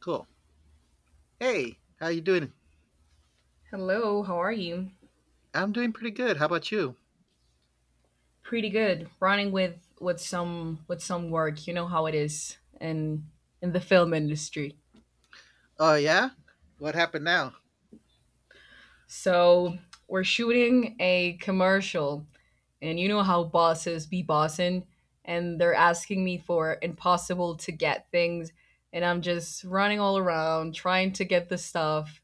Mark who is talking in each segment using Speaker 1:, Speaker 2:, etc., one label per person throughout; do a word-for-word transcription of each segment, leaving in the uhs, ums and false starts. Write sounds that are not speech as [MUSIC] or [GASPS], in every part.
Speaker 1: Cool. Hey, how you doing?
Speaker 2: Hello, how are you?
Speaker 1: I'm doing pretty good. How about you?
Speaker 2: Pretty good. Running with with some with some work. You know how it is in in the film industry.
Speaker 1: Oh yeah? What happened now?
Speaker 2: So we're shooting a commercial, and you know how bosses be bossing, and they're asking me for impossible to get things, and I'm just running all around trying to get the stuff.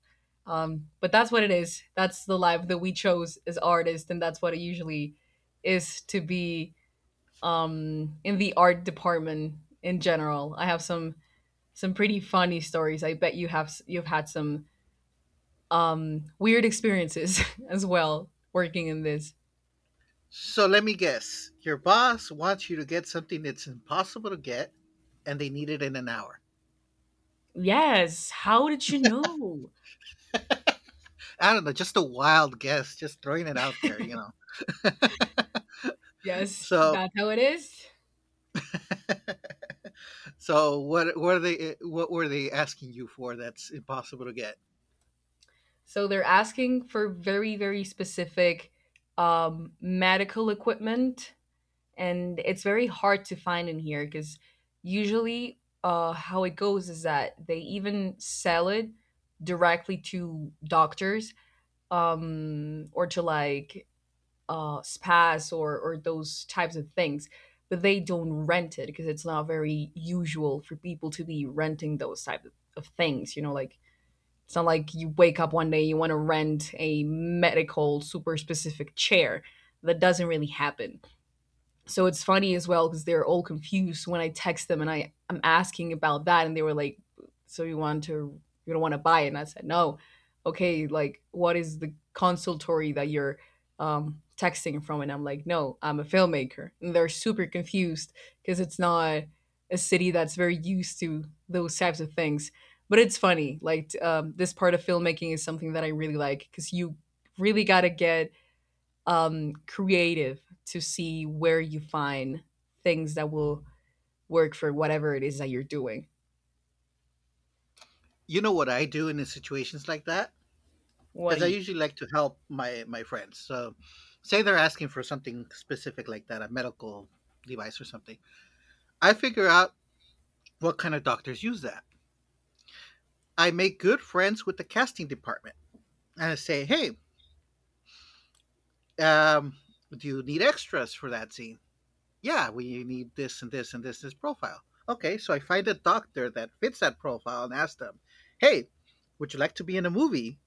Speaker 2: Um, but that's what it is. That's the life that we chose as artists, and that's what it usually is to be um, in the art department in general. I have some some pretty funny stories. I bet you have s- you've had some um, weird experiences [LAUGHS] as well working in this.
Speaker 1: So let me guess. Your boss wants you to get something that's impossible to get and they need it in an hour.
Speaker 2: Yes. How did you know?
Speaker 1: I don't know, just a wild guess, just throwing it out there, you know.
Speaker 2: Yes,
Speaker 1: So
Speaker 2: that's how it is.
Speaker 1: [LAUGHS] so what what are they what were they asking you for that's impossible to get?
Speaker 2: So they're asking for very very specific um, medical equipment and it's very hard to find in here because usually uh, how it goes is that they even sell it directly to doctors um, or to like uh, spas or or those types of things, but they don't rent it because it's not very usual for people to be renting those type of, of things. You know, like it's not like you wake up one day you want to rent a medical super specific chair. That doesn't really happen so it's funny as well because they're all confused when I text them and I I'm asking about that and they were like, "So you want to you don't want to buy it?" And I said, "No, okay. Like, what is the consultory that you're um, texting from?" And I'm like, "No, I'm a filmmaker," and they're super confused because it's not a city that's very used to those types of things. But it's funny. Like t- um, this part of filmmaking is something that I really like because you really got to get um, creative to see where you find things that will work for whatever it is that you're doing.
Speaker 1: You know what I do in the situations like that? Because I usually like to help my my friends. So, say they're asking for something specific like that, a medical device or something. I figure out what kind of doctors use that. I make good friends with the casting department and I say, "Hey, um, do you need extras for that scene? Yeah, we need this and this and this this profile. Okay, so I find a doctor that fits that profile and ask them, "Hey, would you like to be in a movie?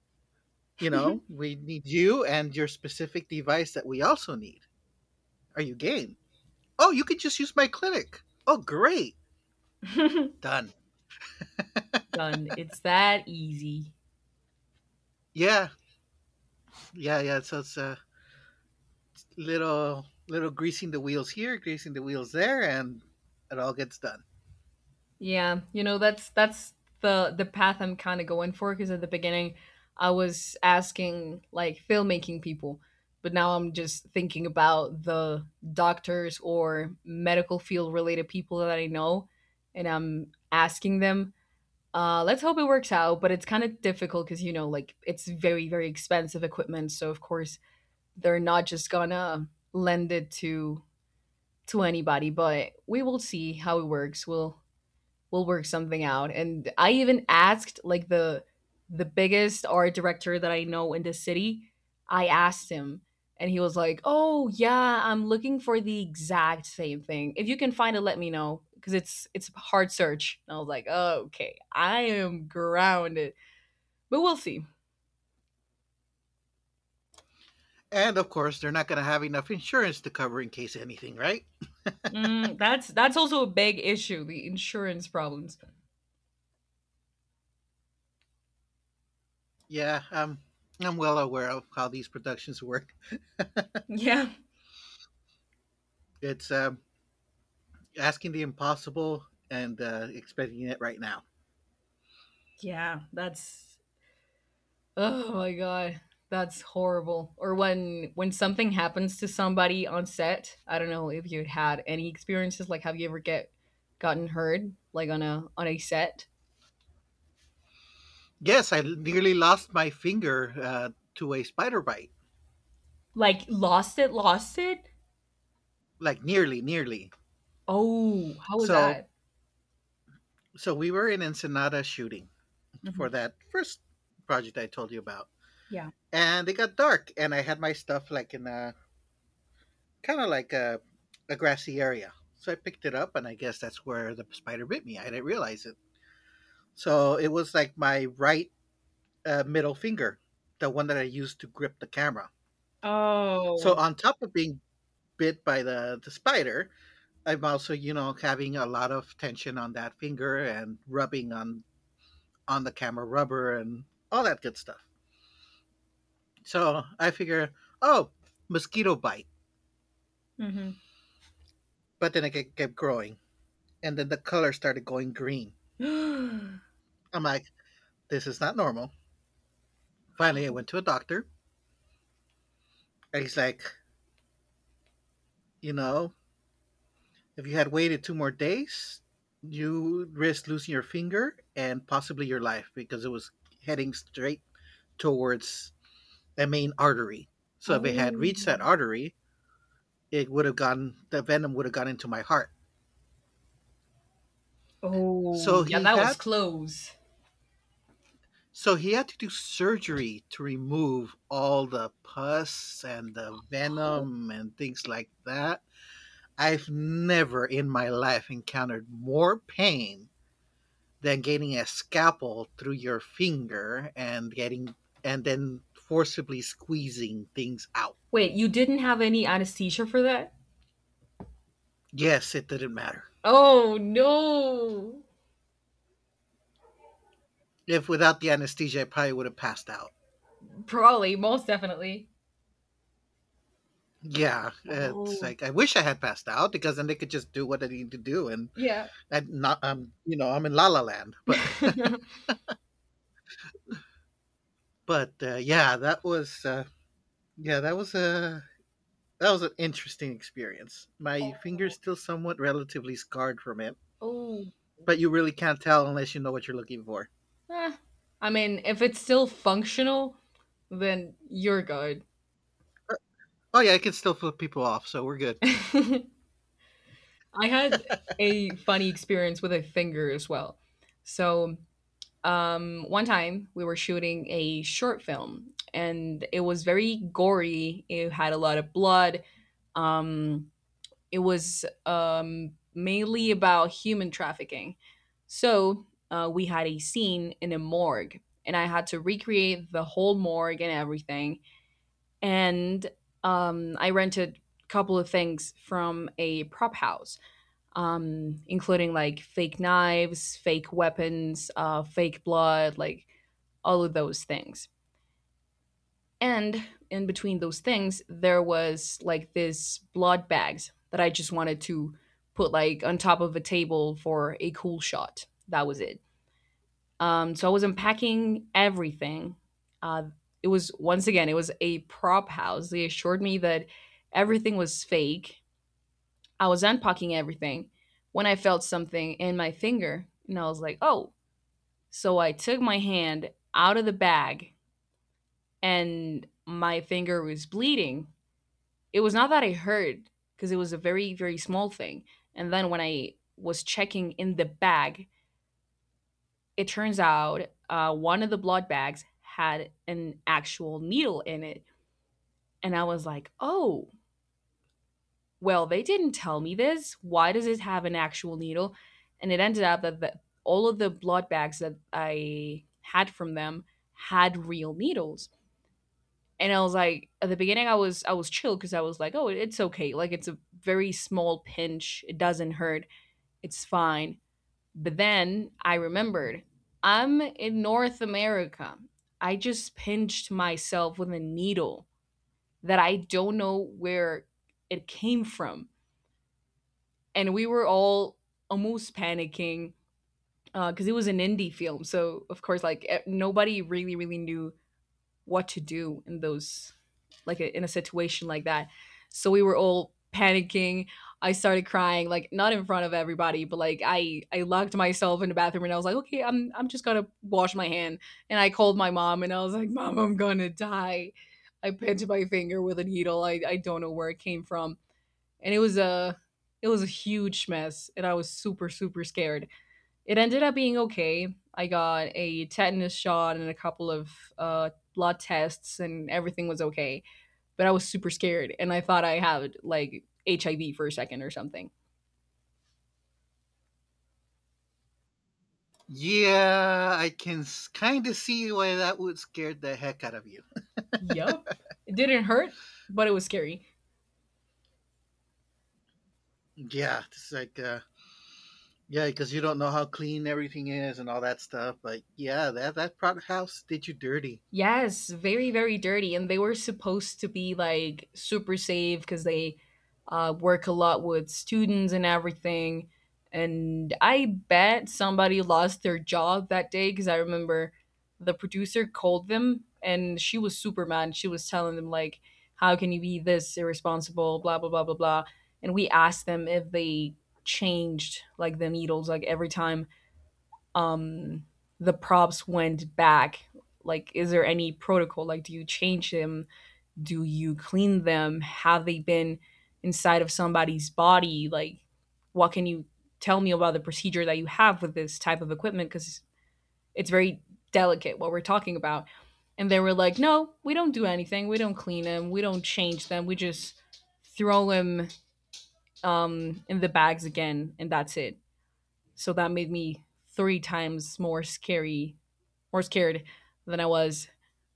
Speaker 1: You know, we need you and your specific device that we also need. Are you game?" Oh, you could just use my clinic. Oh, great. Done.
Speaker 2: Done. It's that easy.
Speaker 1: Yeah, yeah, yeah. So it's a little, little greasing the wheels here, greasing the wheels there, and it all gets done.
Speaker 2: Yeah, you know that's that's the the path I'm kind of going for because at the beginning I was asking like filmmaking people, but now I'm just thinking about the doctors or medical field related people that I know and I'm asking them. Uh, let's hope it works out, but it's kind of difficult because, you know, like it's very, very expensive equipment. So, of course, they're not just gonna lend it to to anybody, but we will see how it works. We'll we'll work something out. And I even asked like the the biggest art director that I know in the city. I asked him and he was like, "Oh, yeah, I'm looking for the exact same thing. If you can find it, let me know because it's it's a hard search." And I was like, "Okay, I am grounded." But we'll see.
Speaker 1: And of course, they're not going to have enough insurance to cover in case anything, right?
Speaker 2: Mm, that's that's also a big issue, the insurance problems.
Speaker 1: Yeah, um, I'm well aware of how these productions work.
Speaker 2: Yeah.
Speaker 1: It's um, asking the impossible and uh, expecting it right now.
Speaker 2: Yeah, that's Oh my god, that's horrible. Or when when something happens to somebody on set, I don't know if you had any experiences like have you ever get gotten hurt like on a on a set?
Speaker 1: Yes, I nearly lost my finger uh, to a spider bite.
Speaker 2: Like lost it, lost it.
Speaker 1: Like nearly, nearly.
Speaker 2: Oh, how was
Speaker 1: So,
Speaker 2: that?
Speaker 1: so we were in Ensenada shooting, for
Speaker 2: Hmm.
Speaker 1: that first project I told you about.
Speaker 2: Yeah.
Speaker 1: And it got dark, and I had my stuff like in a kind of like a, a grassy area. So I picked it up, and I guess that's where the spider bit me. I didn't realize it. So it was like my right uh, middle finger, the one that I used to grip the camera. So
Speaker 2: Oh.
Speaker 1: on top of being bit by the, the spider, I'm also, you know, having a lot of tension on that finger and rubbing on on the camera rubber and all that good stuff. So I figure, oh, mosquito bite.
Speaker 2: Hmm.
Speaker 1: But then it kept growing. And then the color started going green.
Speaker 2: [GASPS]
Speaker 1: I'm like, this is not normal. Finally, I went to a doctor. And he's like, you know, if you had waited two more days, you risk losing your finger and possibly your life because it was heading straight towards a main artery. So if it had
Speaker 2: Oh.
Speaker 1: reached that artery, it would have gone, the venom would have gone into my heart.
Speaker 2: Oh,
Speaker 1: So
Speaker 2: yeah,
Speaker 1: he
Speaker 2: that was
Speaker 1: had
Speaker 2: close.
Speaker 1: So he had to do surgery to remove all the pus and the
Speaker 2: Oh,
Speaker 1: venom and things like that. I've never in my life encountered more pain than getting a scalpel through your finger and getting and then forcibly squeezing things out.
Speaker 2: wait, you didn't have any anesthesia for that?
Speaker 1: Yes, it didn't matter.
Speaker 2: Oh no.
Speaker 1: If without the anesthesia, I probably would have passed out.
Speaker 2: Probably, most definitely.
Speaker 1: Yeah, it's
Speaker 2: Oh.
Speaker 1: like I wish I had passed out because then they could just do what they need to do, and
Speaker 2: Yeah.
Speaker 1: I not, um, you know, I'm in La La Land. But
Speaker 2: [LAUGHS]
Speaker 1: But uh, yeah, that was uh, yeah, that was a that was an interesting experience. My finger's
Speaker 2: Oh.
Speaker 1: still somewhat relatively scarred from it,
Speaker 2: Oh.
Speaker 1: but you really can't tell unless you know what you're looking for.
Speaker 2: Eh, I mean, if it's still functional, then you're good.
Speaker 1: Oh yeah, I can still flip people off, so we're good.
Speaker 2: [LAUGHS] I had a funny experience with a finger as well. So, um, one time we were shooting a short film and it was very gory. It had a lot of blood. Um, it was um, mainly about human trafficking. So uh, we had a scene in a morgue, and I had to recreate the whole morgue and everything. And um, I rented a couple of things from a prop house, um, including like fake knives, fake weapons, uh, fake blood, like all of those things. And in between those things, there was like this blood bags that I just wanted to put like on top of a table for a cool shot. That was it. Um, so I was unpacking everything. Uh, it was once again, it was a prop house. They assured me that everything was fake. I was unpacking everything when I felt something in my finger, and I was like, "Oh!" So I took my hand out of the bag, and my finger was bleeding. It was not that I heard because it was a very, very small thing. And then when I was checking in the bag, it turns out uh, one of the blood bags had an actual needle in it. And I was like, oh, well, they didn't tell me this. Why does it have an actual needle? And it ended up that the, all of the blood bags that I had from them had real needles. And I was like, at the beginning, I was I was chill because I was like, oh, it's okay. Like it's a very small pinch. It doesn't hurt. It's fine. But then I remembered I'm in North America. I just pinched myself with a needle that I don't know where it came from, and we were all almost panicking because uh, it was an indie film. So of course, like e- nobody really really knew what to do in those like a, in a situation like that. So we were all panicking. I started crying, like not in front of everybody, but like I I locked myself in the bathroom and I was like, okay, I'm I'm just gonna wash my hand. And I called my mom and I was like, Mom, I'm gonna die. I pinched my finger with a needle. I, I don't know where it came from. And it was a it was a huge mess and I was super, super scared. It ended up being okay. I got a tetanus shot and a couple of uh, blood tests, and everything was okay. But I was super scared, and I thought I had like H I V for a second or something.
Speaker 1: Yeah, I can kind of see why that would scare the heck out of you.
Speaker 2: Yup. It didn't hurt, but it was scary.
Speaker 1: Yeah, it's like uh, yeah, because you don't know how clean everything is and all that stuff. But yeah, that that prod house did you dirty.
Speaker 2: Yes, very, very dirty. And they were supposed to be like super safe because they uh, work a lot with students and everything. And I bet somebody lost their job that day because I remember the producer called them and she was super mad. She was telling them, like, how can you be this irresponsible, blah, blah, blah, blah, blah. And we asked them if they changed like the needles like every time um the props went back, like is there any protocol, like do you change them, do you clean them, have they been inside of somebody's body, like what can you tell me about the procedure that you have with this type of equipment because it's very delicate what we're talking about. And they were like, no we don't do anything, we don't clean them, we don't change them, we just throw them um, in the bags again and that's it. So that made me three times more scary, more scared than I was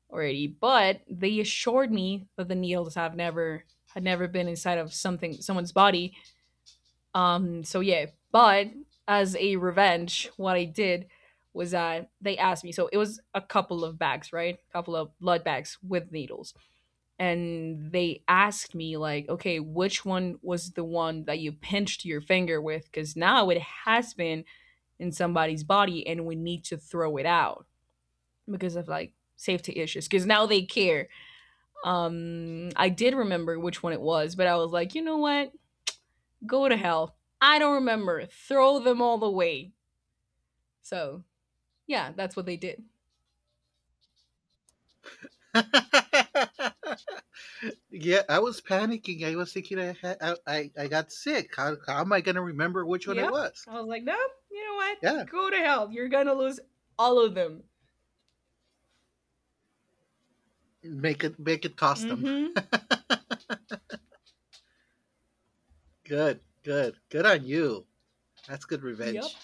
Speaker 2: already. But they assured me that the needles have never had never been inside of something someone's body. Um, so yeah. But as a revenge, what I did was that they asked me. So it was a couple of bags, right? A couple of blood bags with needles. And they asked me, like, okay, which one was the one that you pinched your finger with? Because now it has been in somebody's body and we need to throw it out because of like safety issues because now they care. Um, I did remember which one it was, but I was like, you know what? Go to hell. I don't remember. Throw them all away. So yeah, that's what they did.
Speaker 1: [LAUGHS] Yeah, I was panicking. I was thinking I had, I, I, I got sick. How, how am I going to remember which one it
Speaker 2: Yep.
Speaker 1: was?
Speaker 2: I was like, no, you know what?
Speaker 1: Yeah,
Speaker 2: Go to hell. You're gonna lose All of them.
Speaker 1: make it make it custom.
Speaker 2: Mm-hmm.
Speaker 1: [LAUGHS] Good, good, good on you. That's good
Speaker 2: Yep.
Speaker 1: revenge.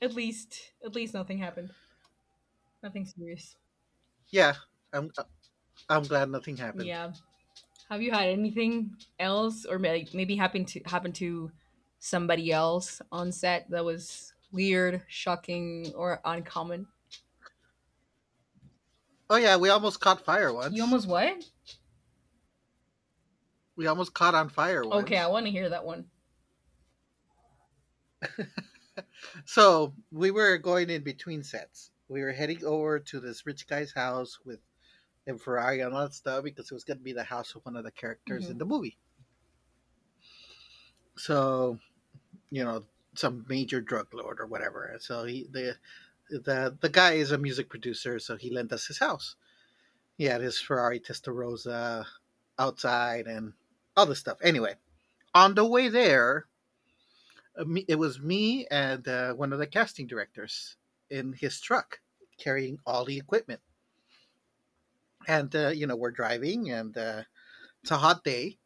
Speaker 2: At least, at least nothing happened. Nothing serious.
Speaker 1: Yeah, I'm I'm glad nothing happened.
Speaker 2: Yeah. Have you had anything else, or may- like, maybe happened to happen to somebody else on set that was weird, shocking, or uncommon?
Speaker 1: Oh yeah, we almost caught fire
Speaker 2: You
Speaker 1: once.
Speaker 2: almost what?
Speaker 1: We almost caught on fire
Speaker 2: Okay, I
Speaker 1: once.
Speaker 2: want to hear that one.
Speaker 1: So we were going in between sets. We were heading over to this rich guy's house with and Ferrari and all that stuff because it was going to be the house of one of the characters
Speaker 2: Mm-hmm.
Speaker 1: in the movie. So, you know some major drug lord or whatever. So he the the the guy is a music producer, so he lent us his house. He had his Ferrari Testarossa outside and all this stuff. Anyway, on the way there, uh, it was me and uh, one of the casting directors in his truck carrying all the equipment. And uh, you know we're driving, and uh, it's a hot day,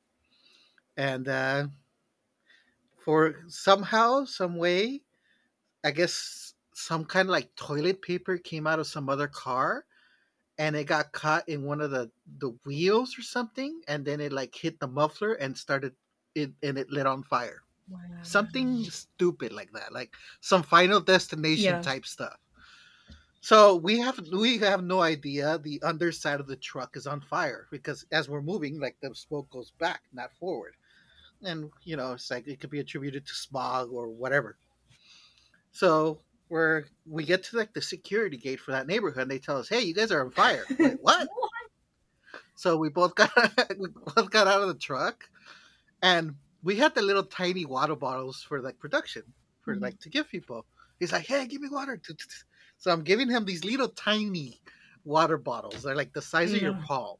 Speaker 1: and uh, for somehow, some way, I guess some kind of like toilet paper came out of some other car, and it got caught in one of the the wheels or something, and then it like hit the muffler and started it, and it lit on fire. Something stupid like that, like some Final Destination
Speaker 2: Yeah.
Speaker 1: type stuff. So we have we have no idea the underside of the truck is on fire because, as we're moving, like, the smoke goes back, not forward. And you know it's like it could be attributed to smog or whatever. So we're we get to like the security gate for that neighborhood, and they tell us, "Hey, you guys are on fire." Wait,
Speaker 2: [LAUGHS]
Speaker 1: what?
Speaker 2: What?
Speaker 1: So we both got [LAUGHS] we both got out of the truck, and we had the little tiny water bottles for like production, for like to give people. He's like, "Hey, give me water." [LAUGHS] So I'm giving him these little tiny water bottles. They're like the size of your
Speaker 2: No.
Speaker 1: palm.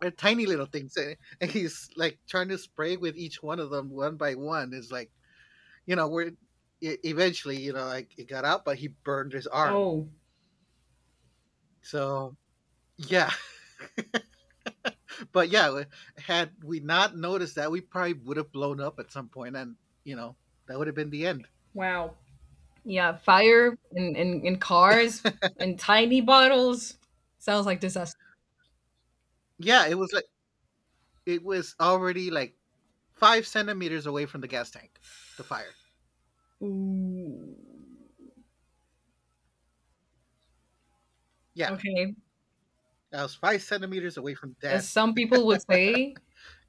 Speaker 1: They're tiny little things, and [LAUGHS] and he's like trying to spray with each one of them one by one. It's like you know we're e- eventually you know like it got out, but he burned his arm.
Speaker 2: Oh,
Speaker 1: So yeah. But yeah, like, had we not noticed that, we probably would have blown up at some point, and you know that would have been the end.
Speaker 2: wow. Yeah, fire in, in, in cars and tiny bottles. Sounds like disaster.
Speaker 1: Yeah, it was like it was already like five centimeters away from the gas tank, the fire.
Speaker 2: Ooh.
Speaker 1: Yeah,
Speaker 2: Okay.
Speaker 1: I was five centimeters away from
Speaker 2: As
Speaker 1: death.
Speaker 2: some people would
Speaker 1: [LAUGHS]
Speaker 2: say,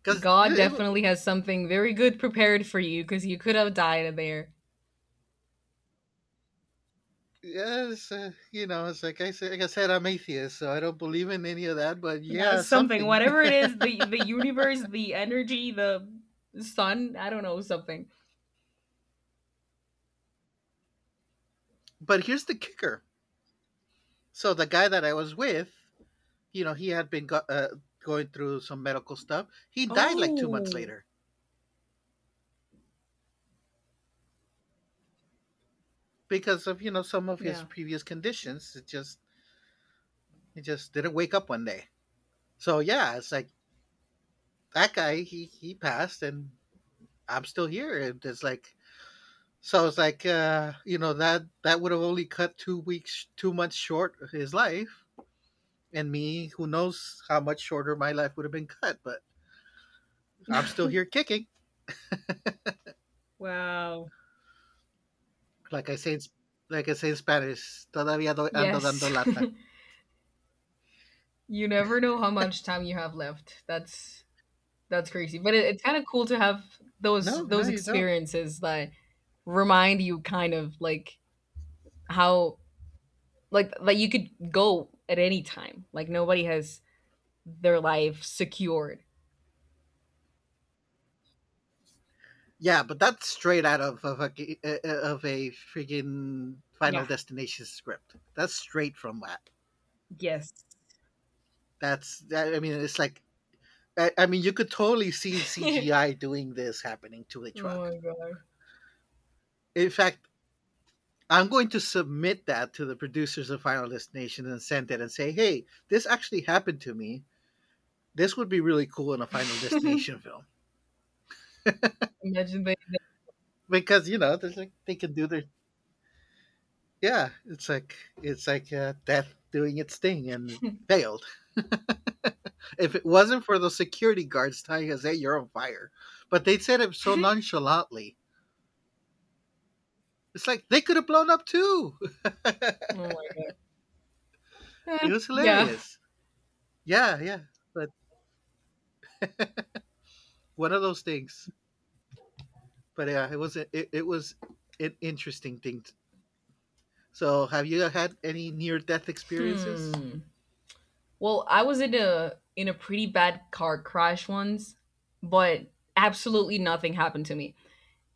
Speaker 1: Because
Speaker 2: God definitely has something very good prepared for you because you could have died there.
Speaker 1: yes, uh, you know, it's like I said, like I said, I'm atheist, so I don't believe in any of that. But
Speaker 2: Yeah,
Speaker 1: yeah,
Speaker 2: something,
Speaker 1: something.
Speaker 2: whatever it is, the the universe, the energy, the sun, I don't know, something.
Speaker 1: [LAUGHS] But here's the kicker: so the guy that I was with, you know, he had been go- uh, going through some medical stuff. He died like two months
Speaker 2: Oh,
Speaker 1: later because of you know some of his
Speaker 2: yeah.
Speaker 1: previous conditions. It just he just didn't wake up one day. So yeah, it's like that guy. He he passed, and I'm still here. And it's like so. It's like uh, you know that that would have only cut two weeks, two months short of his life. And me, who knows how much shorter my life would have been cut, but I'm still here kicking.
Speaker 2: Wow.
Speaker 1: Like I say, in, like I say in Spanish, todavía doy- ando dando
Speaker 2: Yes.
Speaker 1: lata.
Speaker 2: [LAUGHS] You never know how much time you have left. That's that's crazy. But it, it's kind of cool to have those
Speaker 1: No, no,
Speaker 2: those
Speaker 1: you don't.
Speaker 2: experiences that remind you kind of like how like like you could go at any time. Like nobody has their life secured.
Speaker 1: Yeah, but that's straight out of of a uh, uh, of a freaking Final
Speaker 2: Yeah.
Speaker 1: Destination script. That's straight from that.
Speaker 2: Yes.
Speaker 1: That's that, I mean, it's like I, I mean, you could totally see
Speaker 2: [LAUGHS] Oh
Speaker 1: C G I doing this happening to a truck.
Speaker 2: my god.
Speaker 1: In fact, I'm going to submit that to the producers of Final Destination and send it and say, "Hey, this actually happened to me. This would be really cool in a Final
Speaker 2: [LAUGHS]
Speaker 1: Destination film
Speaker 2: Imagine they they
Speaker 1: because you know, there's like they can do their. Yeah, it's like it's like uh, death doing its thing and it failed. [LAUGHS] If it wasn't for those security guards telling us, "Hey, you're on fire," but they said it so
Speaker 2: [LAUGHS]
Speaker 1: nonchalantly. It's like they could have blown up too. [LAUGHS]
Speaker 2: Oh
Speaker 1: It
Speaker 2: my god. Uh,
Speaker 1: was
Speaker 2: yeah.
Speaker 1: hilarious. Yeah, yeah, but one of those things. But yeah, it was a, it, it was an interesting thing. t- So, have you had any near death experiences?
Speaker 2: Hmm. Well, I was in a in a pretty bad car crash once, but absolutely nothing happened to me.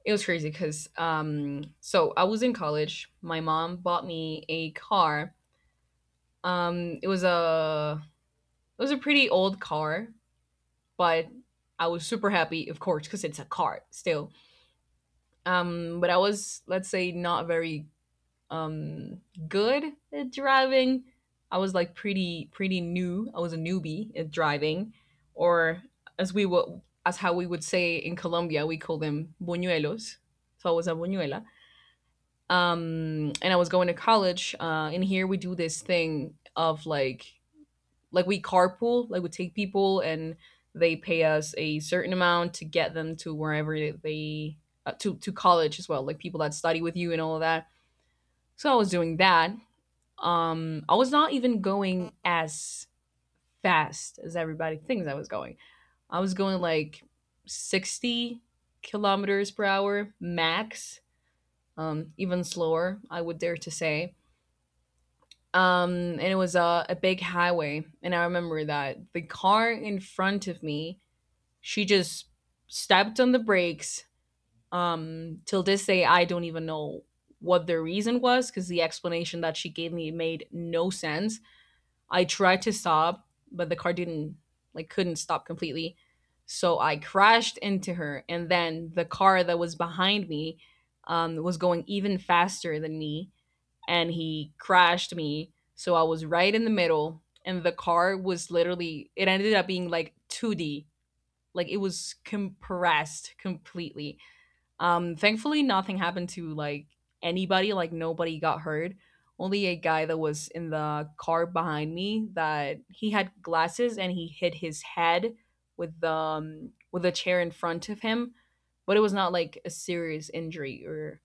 Speaker 2: It was crazy because um so I was in college. My mom bought me a car. Um it was a it was a pretty old car, but I was super happy, of course, because it's a car still. Um, but I was, let's say, not very um good at driving. I was like pretty pretty new. I was a newbie at driving, or as we would as how we would say in Colombia, we call them buñuelos. So I was a buñuela. Um, and I was going to college. Uh, and here we do this thing of like like we carpool, like we take people and they pay us a certain amount to get them to wherever they uh, to to college as well, like people that study with you and all of that. So I was doing that, um, I was not even going as fast as everybody thinks I was going. I was going like sixty kilometers per hour max, um, even slower, I would dare to say. Um, and it was a, a big highway. And I remember that the car in front of me, she just stepped on the brakes. Um, till this day, I don't even know what the reason was because the explanation that she gave me made no sense. I tried to sob, but the car didn't like couldn't stop completely. So I crashed into her, and then the car that was behind me um, was going even faster than me, and he crashed me. So I was right in the middle, and the car was literally it ended up being like two D, like it was compressed completely. Um, thankfully, nothing happened to like anybody. Like nobody got hurt. Only a guy that was in the car behind me that he had glasses and he hit his head with the um, with a chair in front of him, but it was not like a serious injury or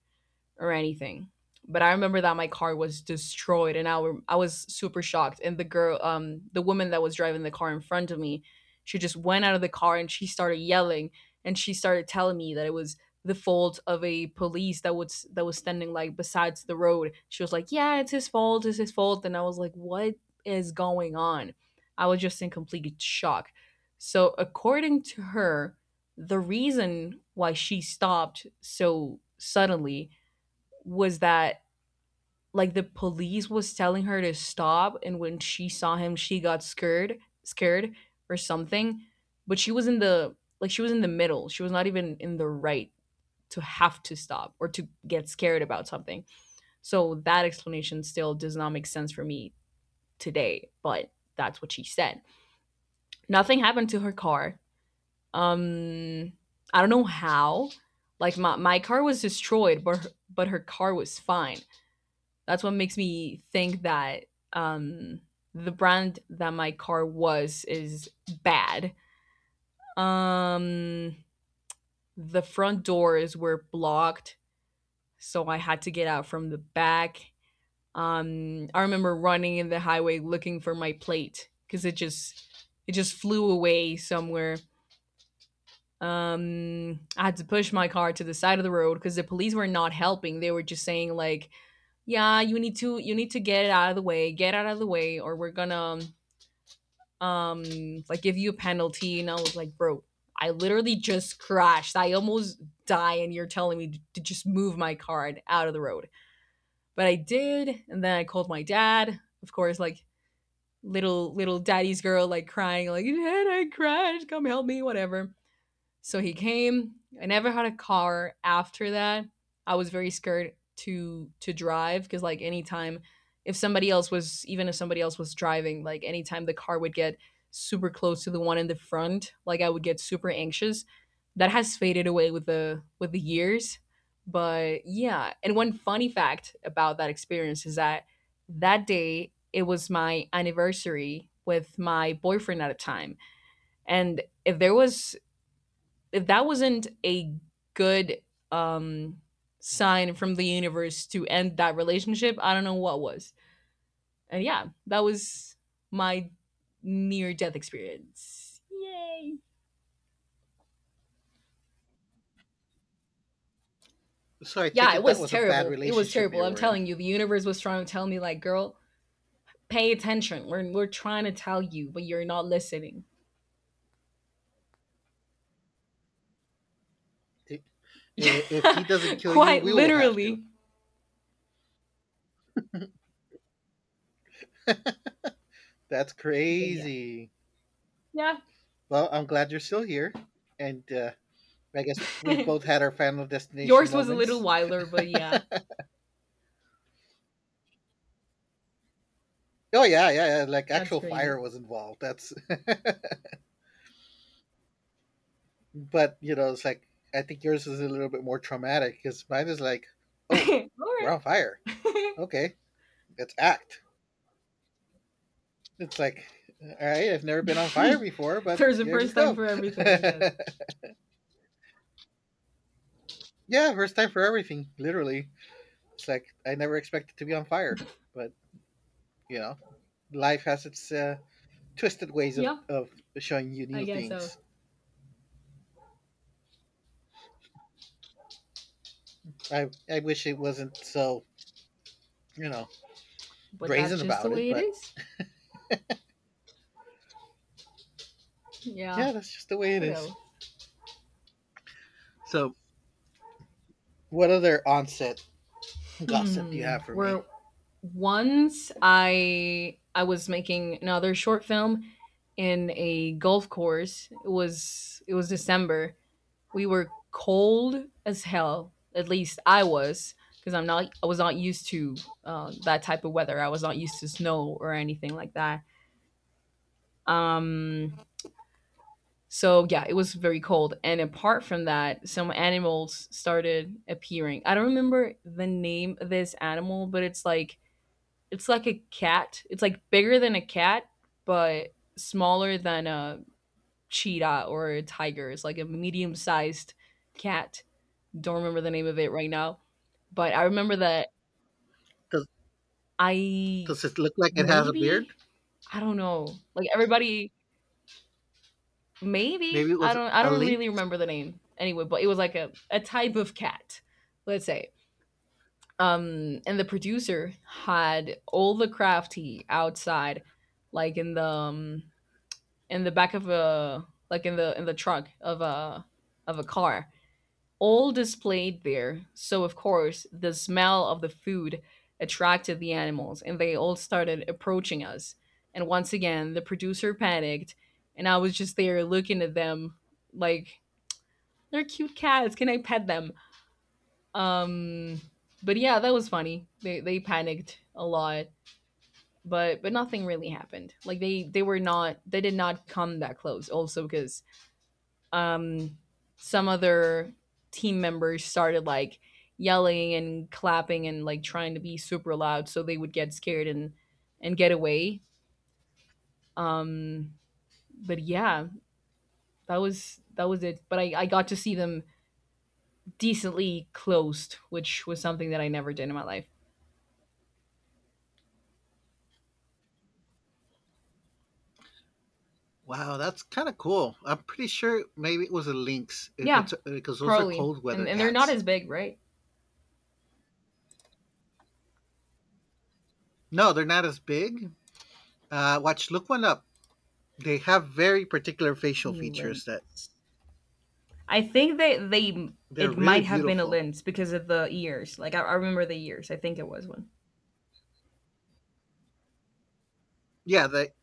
Speaker 2: or anything. But I remember that my car was destroyed, and I, were, I was super shocked. And the girl, um, the woman that was driving the car in front of me, she just went out of the car and she started yelling, and she started telling me that it was the fault of a police that was that was standing like besides the road. She was like, "Yeah, it's his fault. It's his fault." And I was like, "What is going on?" I was just in complete shock. So, according to her, the reason why she stopped so suddenly was that like the police was telling her to stop, and when she saw him she got scared scared or something, but she was in the like she was in the middle. She was not even in the right to have to stop or to get scared about something. So that explanation still does not make sense for me today, but that's what she said. Nothing happened to her car. um I don't know how. Like my, my car was destroyed, but her, but her car was fine. That's what makes me think that um, the brand that my car was is bad. Um, the front doors were blocked, so I had to get out from the back. Um, I remember running in the highway looking for my plate because it just it just flew away somewhere. Um, I had to push my car to the side of the road because the police were not helping. They were just saying like, "Yeah, you need to you need to get it out of the way, get out of the way, or we're gonna um like give you a penalty." And I was like, "Bro, I literally just crashed. I almost die and you're telling me to just move my car out of the road?" But I did. And then I called my dad, of course, like little little daddy's girl, like crying, like, "Dad, I crashed. Come help me," whatever. So he came. I never had a car after that. I was very scared to to drive because like anytime if somebody else was even if somebody else was driving, like anytime the car would get super close to the one in the front, like I would get super anxious. That has faded away with the with the years. But yeah, and one funny fact about that experience is that that day it was my anniversary with my boyfriend at the time. And if there was if that wasn't a good um sign from the universe to end that relationship, I don't know what was. And yeah, that was my near death experience. Yay.
Speaker 1: So, I
Speaker 2: Yeah,
Speaker 1: take
Speaker 2: it
Speaker 1: it that
Speaker 2: was
Speaker 1: was a bad
Speaker 2: terrible. It was
Speaker 1: relationship
Speaker 2: terrible.
Speaker 1: you
Speaker 2: I'm
Speaker 1: were in.
Speaker 2: telling you, the universe was trying to tell me, like, "Girl, pay attention. We're we're trying to tell you, but you're not listening."
Speaker 1: I- If he doesn't
Speaker 2: [LAUGHS]
Speaker 1: kill you,
Speaker 2: Quite
Speaker 1: we will have to.
Speaker 2: literally.
Speaker 1: That's
Speaker 2: But yeah.
Speaker 1: crazy.
Speaker 2: Yeah.
Speaker 1: Well, I'm glad you're still here, and uh, I guess we've both
Speaker 2: [LAUGHS]
Speaker 1: had our Final Destination
Speaker 2: Yours was a little
Speaker 1: moments.
Speaker 2: wilder, but yeah,
Speaker 1: Oh yeah, yeah, yeah. Like
Speaker 2: that's
Speaker 1: actual fire
Speaker 2: crazy.
Speaker 1: was involved. That's, [LAUGHS] but you know, it's like I think yours is a little bit more traumatic because mine is like,
Speaker 2: [LAUGHS]
Speaker 1: oh,
Speaker 2: All
Speaker 1: we're on
Speaker 2: right.
Speaker 1: fire.
Speaker 2: [LAUGHS]
Speaker 1: Okay, let's act. It's like, all right, I've never been on
Speaker 2: [LAUGHS]
Speaker 1: fire before, but
Speaker 2: There's a
Speaker 1: here we
Speaker 2: first time
Speaker 1: go.
Speaker 2: for
Speaker 1: [LAUGHS]
Speaker 2: everything, I guess.
Speaker 1: Yeah, first time for everything. Literally, it's like I never expected to be on fire, but you know, life has its. Uh, twisted ways of,
Speaker 2: Yeah,
Speaker 1: of showing you
Speaker 2: I
Speaker 1: new
Speaker 2: guess so.
Speaker 1: things. I I wish it wasn't so you know
Speaker 2: But that's
Speaker 1: brazen
Speaker 2: just the
Speaker 1: about it,
Speaker 2: way it
Speaker 1: but
Speaker 2: is. Yeah.
Speaker 1: yeah, that's just the way it
Speaker 2: What
Speaker 1: is.
Speaker 2: else?
Speaker 1: So, what other onset gossip do you
Speaker 2: Hmm.
Speaker 1: have for me?
Speaker 2: Where once I I was making another short film in a golf course. It was it was December. We were cold as hell. At least I was because I'm not I was not used to uh, that type of weather. I was not used to snow or anything like that. Um, So yeah, it was very cold. And apart from that, some animals started appearing. I don't remember the name of this animal, but it's like it's like a cat. It's like bigger than a cat, but smaller than a cheetah or a tiger. It's like a medium-sized cat. Don't remember the name of it right now, but I remember that
Speaker 1: Does
Speaker 2: I
Speaker 1: does it look like it has a beard?
Speaker 2: maybe I don't know. Like everybody maybe
Speaker 1: Maybe it
Speaker 2: I
Speaker 1: was
Speaker 2: don't I
Speaker 1: a
Speaker 2: don't
Speaker 1: lynx.
Speaker 2: really remember the name anyway, but it was like a, a type of cat, let's say. Um, and the producer had all the crafty outside, like in the um, in the back of a like in the in the trunk of a of a car, all displayed there. So of course the smell of the food attracted the animals, and they all started approaching us. And once again, the producer panicked, and I was just there looking at them like, "They're cute cats. Can I pet them?" Um, but yeah, that was funny. They they panicked a lot, but but nothing really happened. Like they they were not they did not come that close. Also because um some other team members started like yelling and clapping and like trying to be super loud so they would get scared and and get away. um but yeah, that was that was it, but i i got to see them decently closed, which was something that I never did in my life.
Speaker 1: Wow, that's kind of cool. I'm pretty sure maybe it was a lynx if
Speaker 2: Yeah,
Speaker 1: it's because those are
Speaker 2: probably.
Speaker 1: cold weather
Speaker 2: And and they're not
Speaker 1: cats.
Speaker 2: as big, right?
Speaker 1: No, they're not as big. Uh, watch, look one up. They have very particular facial
Speaker 2: A
Speaker 1: features that
Speaker 2: lens. I think they they
Speaker 1: they're
Speaker 2: it
Speaker 1: really
Speaker 2: might have been a
Speaker 1: beautiful.
Speaker 2: lens because of the ears. Like I, I remember the ears. I think it was one.
Speaker 1: Yeah, that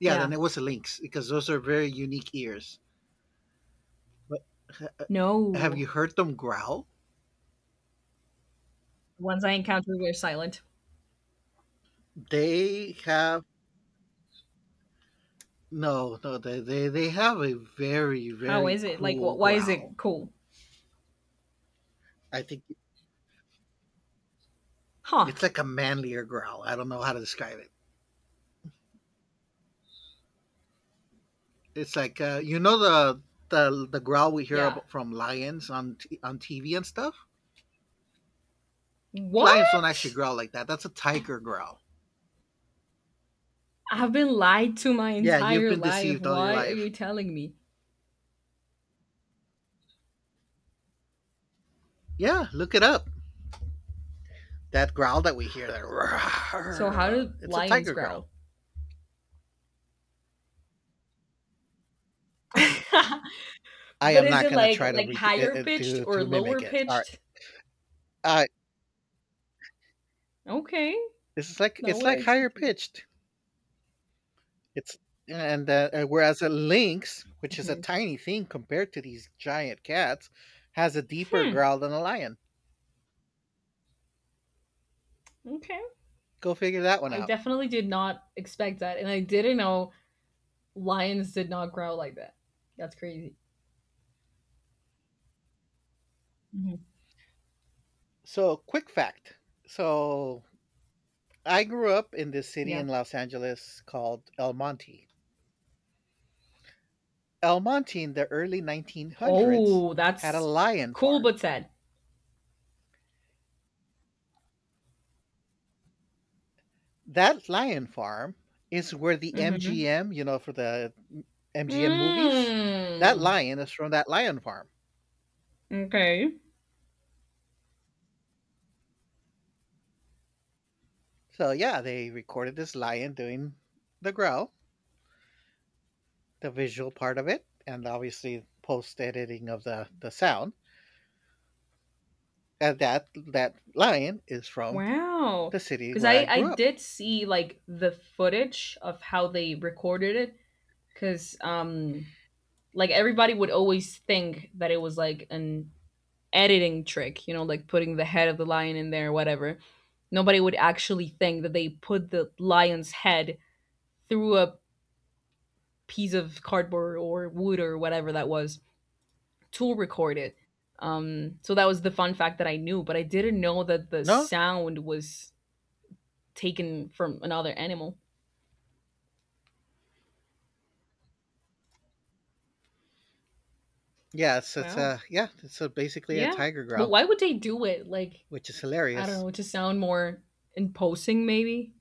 Speaker 1: yeah, then
Speaker 2: Yeah.
Speaker 1: it was the lynx because those are very unique ears. But ha- uh, have you
Speaker 2: No.
Speaker 1: heard them growl?
Speaker 2: The ones I encountered were silent.
Speaker 1: They have no, no, they, they they have a very
Speaker 2: How
Speaker 1: very
Speaker 2: is it? Like
Speaker 1: cool
Speaker 2: wh- why is it
Speaker 1: growl.
Speaker 2: cool?
Speaker 1: I think
Speaker 2: Huh.
Speaker 1: it's like a manlier growl. I don't know how to describe it. It's like uh, you know the the the growl we hear
Speaker 2: Yeah.
Speaker 1: about from lions on t- on T V and stuff. Lions don't actually
Speaker 2: What?
Speaker 1: growl like that. That's a tiger growl.
Speaker 2: I've been lied to my
Speaker 1: Yeah, you've
Speaker 2: entire
Speaker 1: been
Speaker 2: life.
Speaker 1: deceived all your
Speaker 2: Why are
Speaker 1: life.
Speaker 2: you telling me?
Speaker 1: Yeah, look it up. That growl that we hear, that [LAUGHS]
Speaker 2: So how do
Speaker 1: it's a
Speaker 2: lions
Speaker 1: tiger growl.
Speaker 2: growl? [LAUGHS]
Speaker 1: I
Speaker 2: But
Speaker 1: am
Speaker 2: is
Speaker 1: not
Speaker 2: it
Speaker 1: gonna
Speaker 2: like
Speaker 1: try to
Speaker 2: like
Speaker 1: rep- uh,
Speaker 2: higher
Speaker 1: uh,
Speaker 2: pitched
Speaker 1: to
Speaker 2: or
Speaker 1: to mimic
Speaker 2: lower
Speaker 1: it. Sorry,
Speaker 2: pitched?
Speaker 1: uh,
Speaker 2: Okay.
Speaker 1: this is like
Speaker 2: Not
Speaker 1: it's
Speaker 2: what I
Speaker 1: like higher
Speaker 2: expected.
Speaker 1: pitched. It's and uh, uh, whereas a lynx, which is a
Speaker 2: Mhm.
Speaker 1: tiny thing compared to these giant cats, has a deeper
Speaker 2: Hmm.
Speaker 1: growl than a lion.
Speaker 2: Okay.
Speaker 1: Go figure that one
Speaker 2: I
Speaker 1: out.
Speaker 2: definitely did not expect that, and I didn't know lions did not growl like that. That's crazy. Mhm.
Speaker 1: So, quick fact. So, I grew up in this city
Speaker 2: Yeah.
Speaker 1: in Los Angeles called El Monte. El Monte in the early nineteen hundreds
Speaker 2: Oh,
Speaker 1: had a
Speaker 2: that's
Speaker 1: lion
Speaker 2: cool
Speaker 1: farm.
Speaker 2: but sad.
Speaker 1: That lion farm is where the
Speaker 2: Mm-hmm.
Speaker 1: M G M, you know, for the M G M movies, that
Speaker 2: Mm.
Speaker 1: lion is from that lion farm.
Speaker 2: Okay.
Speaker 1: So, yeah, they recorded this lion doing the growl, the visual part of it, and obviously post editing of the the sound. And that that lion is from
Speaker 2: Wow.
Speaker 1: the city
Speaker 2: Because
Speaker 1: where I
Speaker 2: I I
Speaker 1: grew up.
Speaker 2: did see like the footage of how they recorded it. Because um like everybody would always think that it was like an editing trick, you know, like putting the head of the lion in there, whatever. Nobody would actually think that they put the lion's head through a piece of cardboard or wood or whatever that was to record it. Um, so that was the fun fact that I knew, but I didn't know that the
Speaker 1: No?
Speaker 2: sound was taken from another animal.
Speaker 1: Yeah, it's it's
Speaker 2: Wow.
Speaker 1: a yeah, it's a basically a
Speaker 2: Yeah.
Speaker 1: tiger
Speaker 2: But
Speaker 1: growl,
Speaker 2: why would they do it? Like,
Speaker 1: which is
Speaker 2: I don't
Speaker 1: hilarious.
Speaker 2: know, to sound more imposing, maybe?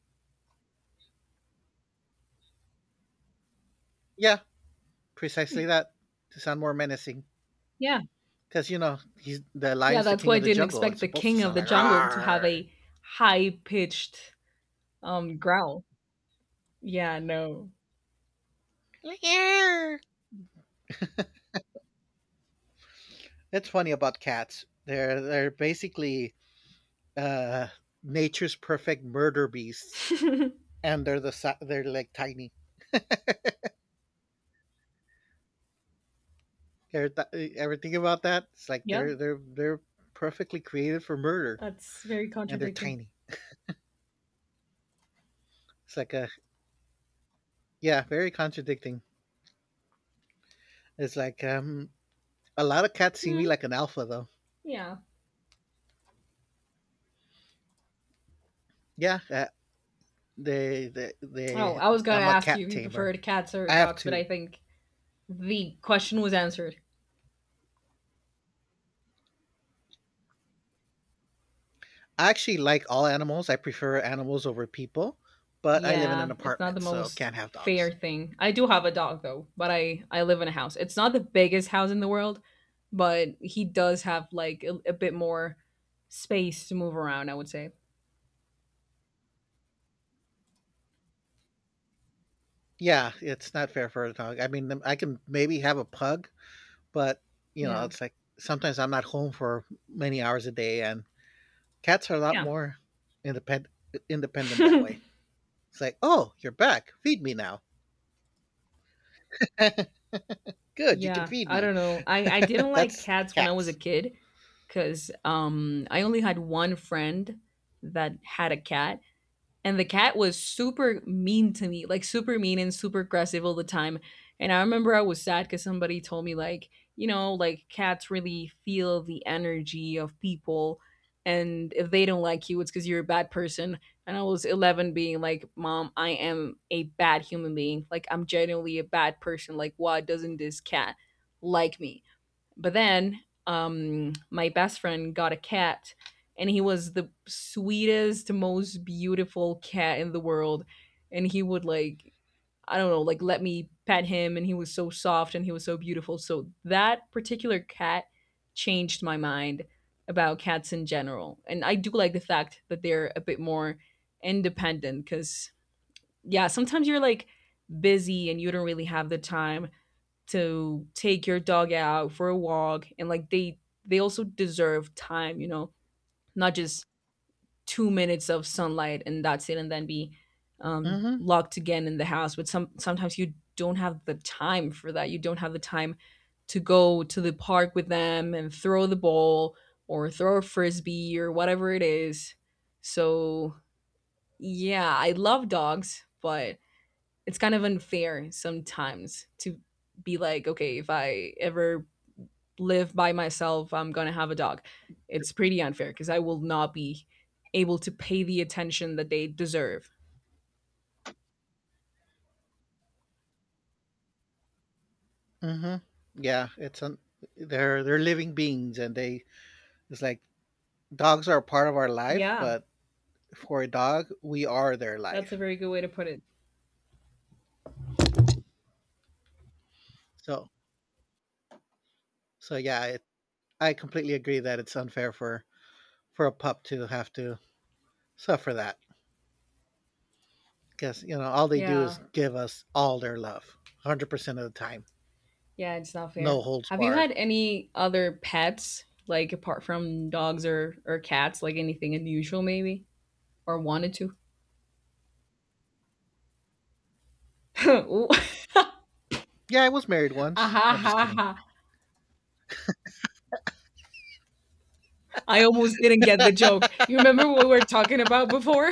Speaker 1: Yeah, precisely that to sound more menacing.
Speaker 2: Yeah.
Speaker 1: Because you know he's the
Speaker 2: Yeah,
Speaker 1: lion's the
Speaker 2: that's
Speaker 1: king
Speaker 2: why I
Speaker 1: of the
Speaker 2: didn't
Speaker 1: jungle. It's
Speaker 2: expect the
Speaker 1: supposed to
Speaker 2: king of
Speaker 1: sound
Speaker 2: the
Speaker 1: like
Speaker 2: jungle to have
Speaker 1: "Rawr."
Speaker 2: a
Speaker 1: [LAUGHS]
Speaker 2: high pitched um growl. Yeah, no.
Speaker 1: Like, "Arr." That's funny about cats. They're they're basically uh, nature's perfect murder beasts,
Speaker 2: [LAUGHS]
Speaker 1: and they're the si- they're like tiny. Ever, th- eh, ever think about that? It's like
Speaker 2: Yeah,
Speaker 1: they're they're they're perfectly created for murder,
Speaker 2: that's very
Speaker 1: and they're
Speaker 2: contradicting.
Speaker 1: tiny. It's like a yeah, very contradicting. It's like um, a lot of cats see me
Speaker 2: Mhm.
Speaker 1: like an alpha though.
Speaker 2: Yeah.
Speaker 1: Yeah, uh, they they
Speaker 2: Oh,
Speaker 1: they.
Speaker 2: I was gonna
Speaker 1: I'm a
Speaker 2: ask you
Speaker 1: cat
Speaker 2: if you
Speaker 1: tamer.
Speaker 2: preferred cats or
Speaker 1: I have
Speaker 2: dogs, but I
Speaker 1: two
Speaker 2: think the question was answered.
Speaker 1: I actually like all animals. I prefer animals over people, but I live in an
Speaker 2: Yeah, it's not the
Speaker 1: apartment, so
Speaker 2: most
Speaker 1: can't have dogs.
Speaker 2: fair thing. I do have a dog though, but I I live in a house. It's not the biggest house in the world, but he does have like a, a bit more space to move around. I would say.
Speaker 1: Yeah, it's not fair for a dog. I mean, I can maybe have a pug, but you know,
Speaker 2: Yeah.
Speaker 1: it's like sometimes I'm not home for many hours a day, and cats are a lot
Speaker 2: Yeah.
Speaker 1: more independent independent that way.
Speaker 2: [LAUGHS]
Speaker 1: It's like, oh, you're back. Feed me now. [LAUGHS] Good, you can
Speaker 2: Yeah,
Speaker 1: feed
Speaker 2: I
Speaker 1: me.
Speaker 2: don't know. I I didn't
Speaker 1: [LAUGHS]
Speaker 2: like
Speaker 1: That's
Speaker 2: cats when I was a
Speaker 1: cats.
Speaker 2: kid cuz um I only had one friend that had a cat, and the cat was super mean to me, like super mean and super aggressive all the time. And I remember I was sad because somebody told me, like, you know, like cats really feel the energy of people. And if they don't like you, it's because you're a bad person. And I was eleven being like, Mom, I am a bad human being. Like, I'm genuinely a bad person. Like, why doesn't this cat like me? But then, um, my best friend got a cat, and he was the sweetest, most beautiful cat in the world. And he would, like, I don't know, like let me pet him, and he was so soft and he was so beautiful. So that particular cat changed my mind about cats in general. And I do like the fact that they're a bit more independent because, yeah, sometimes you're like busy and you don't really have the time to take your dog out for a walk, and like they they also deserve time, you know, not just two minutes of sunlight and that's it, and then be um,
Speaker 1: Mm-hmm.
Speaker 2: locked again in the house. But some sometimes you don't have the time for that, you don't have the time to go to the park with them and throw the ball or throw a frisbee or whatever it is. So yeah, I love dogs, but it's kind of unfair sometimes to be like, okay, if I ever live by myself, I'm going to have a dog. It's pretty unfair because I will not be able to pay the attention that they deserve.
Speaker 1: Mm-hmm. Yeah, it's un- they're they're living beings, and they it's like dogs are part of our life,
Speaker 2: Yeah,
Speaker 1: but for a dog, we are their
Speaker 2: that's a
Speaker 1: life.
Speaker 2: very good way to put it.
Speaker 1: So, so yeah, it, I completely agree that it's unfair for for a pup to have to suffer that because you know all they do is
Speaker 2: Yeah,
Speaker 1: give us all their love, hundred percent of the time,
Speaker 2: yeah, it's not
Speaker 1: no
Speaker 2: fair.
Speaker 1: holds
Speaker 2: Have you
Speaker 1: barred.
Speaker 2: had any other pets, like apart from dogs or or cats, like anything unusual maybe, or wanted to? [LAUGHS] Ooh. [LAUGHS]
Speaker 1: Yeah, I was married
Speaker 2: Ah,
Speaker 1: once.
Speaker 2: ha,
Speaker 1: No, I'm just
Speaker 2: ha,
Speaker 1: kidding.
Speaker 2: ha. I almost didn't get the joke.
Speaker 1: [LAUGHS]
Speaker 2: You remember what we were talking about before?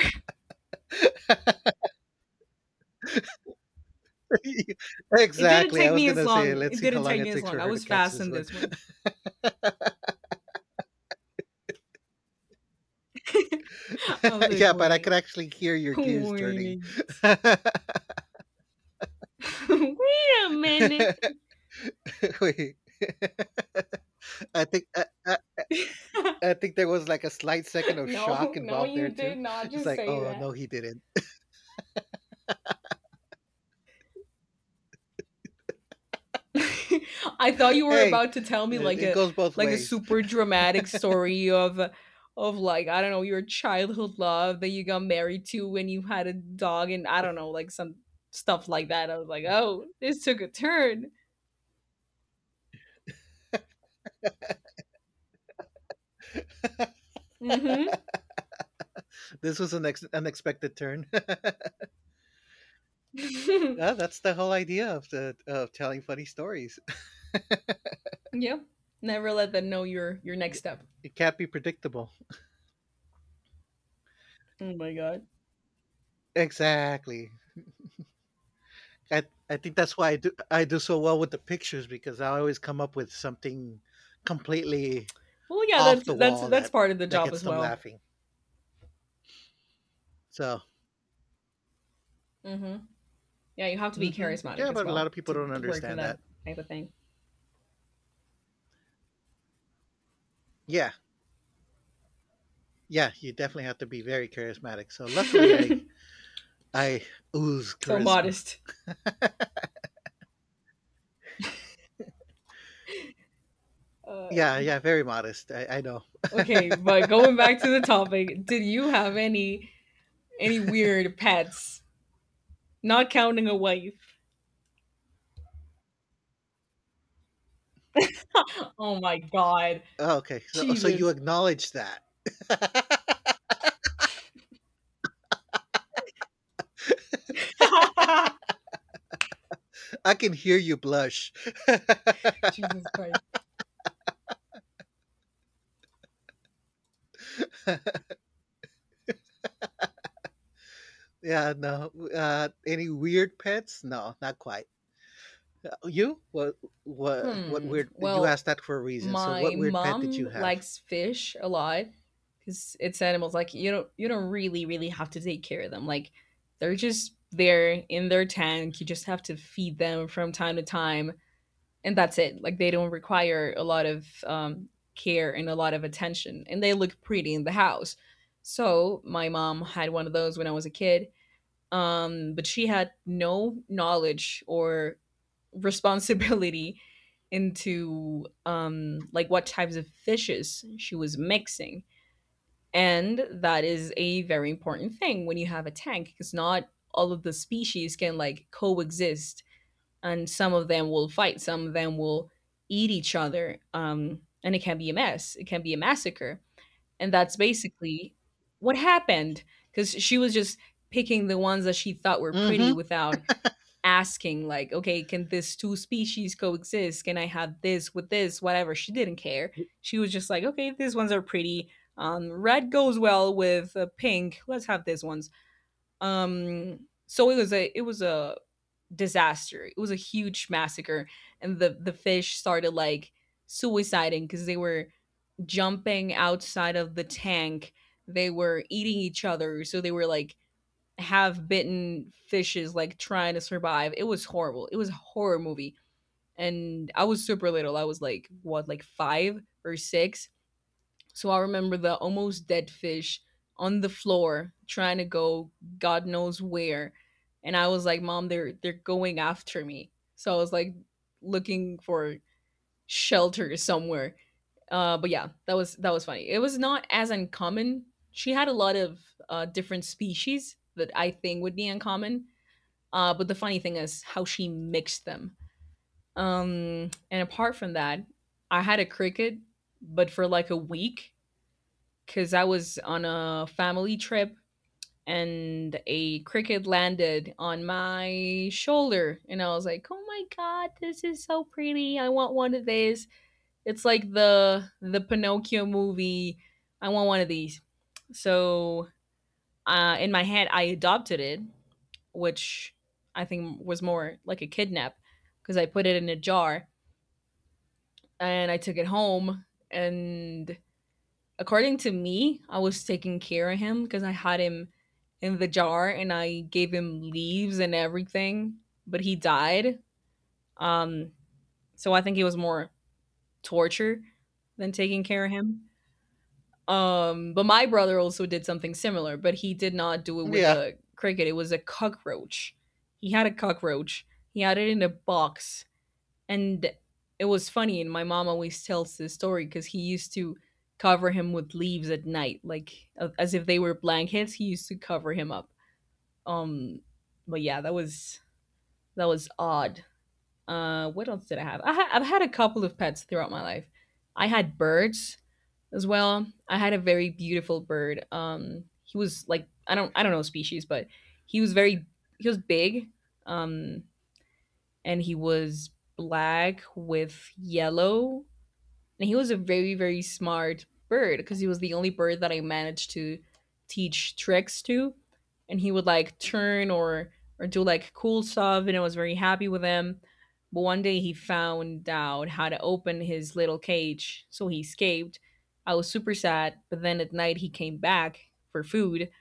Speaker 2: [LAUGHS] It didn't
Speaker 1: exactly. I
Speaker 2: take
Speaker 1: was
Speaker 2: me as
Speaker 1: gonna say,
Speaker 2: long.
Speaker 1: let's
Speaker 2: It
Speaker 1: see how
Speaker 2: didn't
Speaker 1: long
Speaker 2: take
Speaker 1: it
Speaker 2: me as
Speaker 1: takes
Speaker 2: long.
Speaker 1: for
Speaker 2: I
Speaker 1: her to
Speaker 2: was
Speaker 1: catch
Speaker 2: fast
Speaker 1: this
Speaker 2: in
Speaker 1: one.
Speaker 2: this one. [LAUGHS] I was
Speaker 1: [LAUGHS]
Speaker 2: like,
Speaker 1: yeah, but I could
Speaker 2: wait.
Speaker 1: actually hear your gears turning.
Speaker 2: Wait.
Speaker 1: [LAUGHS]
Speaker 2: [LAUGHS] Wait a minute.
Speaker 1: Wait. [LAUGHS] I think I, I,
Speaker 2: [LAUGHS]
Speaker 1: I think there was like a slight second of shock
Speaker 2: No, no,
Speaker 1: involved
Speaker 2: you
Speaker 1: there too.
Speaker 2: did not
Speaker 1: It's
Speaker 2: just
Speaker 1: like,
Speaker 2: say
Speaker 1: oh no,
Speaker 2: that.
Speaker 1: he didn't.
Speaker 2: [LAUGHS] I thought you were
Speaker 1: Hey,
Speaker 2: about to tell me
Speaker 1: it
Speaker 2: like
Speaker 1: it
Speaker 2: a
Speaker 1: goes both
Speaker 2: like a
Speaker 1: ways.
Speaker 2: super dramatic story of of like, I don't know, your childhood love that you got married to when you had a dog, and I don't know, like some stuff like that. I was like, oh, this took a turn. Mm-hmm.
Speaker 1: [LAUGHS] This was an ex- unexpected turn. [LAUGHS] yeah, that's the whole idea of the of telling funny stories. [LAUGHS]
Speaker 2: [LAUGHS] Yep. Never let them know your your next step.
Speaker 1: It can't be predictable.
Speaker 2: Oh my god.
Speaker 1: Exactly. I I think that's why I do I do so well with the pictures because I always come up with something completely
Speaker 2: Well, yeah,
Speaker 1: off
Speaker 2: that's
Speaker 1: the
Speaker 2: that's
Speaker 1: wall
Speaker 2: that's
Speaker 1: that
Speaker 2: part of the
Speaker 1: that
Speaker 2: job
Speaker 1: gets
Speaker 2: as
Speaker 1: them
Speaker 2: well.
Speaker 1: laughing. So,
Speaker 2: Mm-hmm. Yeah, you have to be
Speaker 1: hmm
Speaker 2: charismatic
Speaker 1: yeah,
Speaker 2: as
Speaker 1: but a lot
Speaker 2: well
Speaker 1: of people
Speaker 2: to
Speaker 1: don't
Speaker 2: work in
Speaker 1: understand
Speaker 2: that
Speaker 1: that.
Speaker 2: type of thing.
Speaker 1: Yeah, Yeah, you definitely have to be very charismatic. So luckily, I
Speaker 2: [LAUGHS]
Speaker 1: I ooze
Speaker 2: So
Speaker 1: charisma.
Speaker 2: modest. Uh,
Speaker 1: Yeah, yeah, very modest. I, I know. [LAUGHS]
Speaker 2: okay, but going back to the topic, did you have any any weird pets? Not counting a wife. Oh my god.
Speaker 1: Oh, okay, so so you
Speaker 2: Jesus.
Speaker 1: acknowledge that. [LAUGHS]
Speaker 2: [LAUGHS]
Speaker 1: I can hear you blush.
Speaker 2: Jesus Christ.
Speaker 1: [LAUGHS] yeah, no. Uh, any weird pets? No, not quite. Uh, You? What? What? What
Speaker 2: Hmm.
Speaker 1: weird? You
Speaker 2: Well,
Speaker 1: asked that for a reason. So,
Speaker 2: my
Speaker 1: what weird pet did you
Speaker 2: mom
Speaker 1: have?
Speaker 2: likes fish a lot because it's animals, like, you don't you don't really really have to take care of them. Like, they're just there in their tank, you just have to feed them from time to time, and that's it. Like, they don't require a lot of um, care and a lot of attention, and they look pretty in the house. So my mom had one of those when I was a kid. Um, but she had no knowledge or responsibility [LAUGHS] into, um, like, what types of fishes she was mixing. And that is a very important thing when you have a tank, because not all of the species can like coexist, and some of them will fight, some of them will eat each other, um, and it can be a mess, it can be a massacre. And that's basically what happened, because she was just picking the ones that she thought were pretty
Speaker 1: Mm-hmm.
Speaker 2: without asking, like, okay, can this two species coexist? Can I have this with this? Whatever. She didn't care. She was just like, okay, these ones are pretty. Um, red goes well with uh, pink. Let's have these ones. Um, so it was a it was a disaster. It was a huge massacre, and the the fish started like suiciding because they were jumping outside of the tank. They were eating each other. So they were like half bitten fishes, like trying to survive. It was horrible. It was a horror movie. And I was super little. I was like, what, like five or six? So I remember the almost dead fish on the floor trying to go God knows where. And I was like, Mom, they're they're going after me. So I was like looking for shelter somewhere. Uh, but yeah, that was that was funny. It was not as uncommon. She had a lot of uh, different species that I think would be uncommon. Uh, but the funny thing is how she mixed them. Um, and apart from that, I had a cricket, but for like a week because I was on a family trip, and a cricket landed on my shoulder and I was like, "Oh my god, this is so pretty. I want one of these." It's like the the Pinocchio movie. I want one of these. So uh, in my head, I adopted it, which I think was more like a kidnap because I put it in a jar and I took it home. And according to me, I was taking care of him because I had him in the jar and I gave him leaves and everything, but he died. Um, so I think it was more torture than taking care of him. Um, but my brother also did something similar, but he did not do it with
Speaker 1: Yeah.
Speaker 2: a cricket. It was a cockroach. He had a cockroach. He had it in a box, and it was funny. And my mom always tells this story because he used to cover him with leaves at night, like a- as if they were blankets. He used to cover him up. Um, but yeah, that was that was odd. Uh, what else did I have? I ha- I've had a couple of pets throughout my life. I had birds as well. I had a very beautiful bird. Um, he was like, I don't I don't know species, but he was very, he was big, um, and he was black with yellow, and he was a very very smart bird because he was the only bird that I managed to teach tricks to, and he would like turn or or do like cool stuff, and I was very happy with him. But one day he found out how to open his little cage, so he escaped. I was super sad, but then at night he came back for food,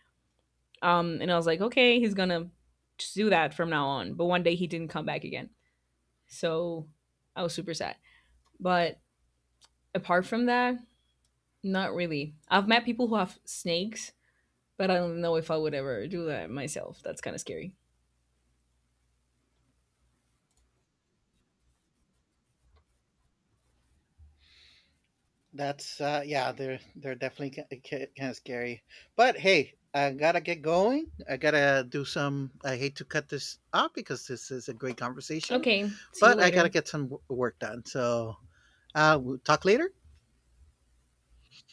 Speaker 2: um, and I was like, okay, he's gonna just do that from now on. But one day he didn't come back again, so I was super sad. But apart from that, not really. I've met people who have snakes, but I don't know if I would ever do that myself. That's kind of scary.
Speaker 1: That's uh yeah, they're they're definitely kind of scary. But hey, I gotta get going. I gotta do some. I hate to cut this off because this is a great conversation,
Speaker 2: Okay, see you
Speaker 1: but I gotta
Speaker 2: later.
Speaker 1: get some w- work done. So uh, we'll talk later.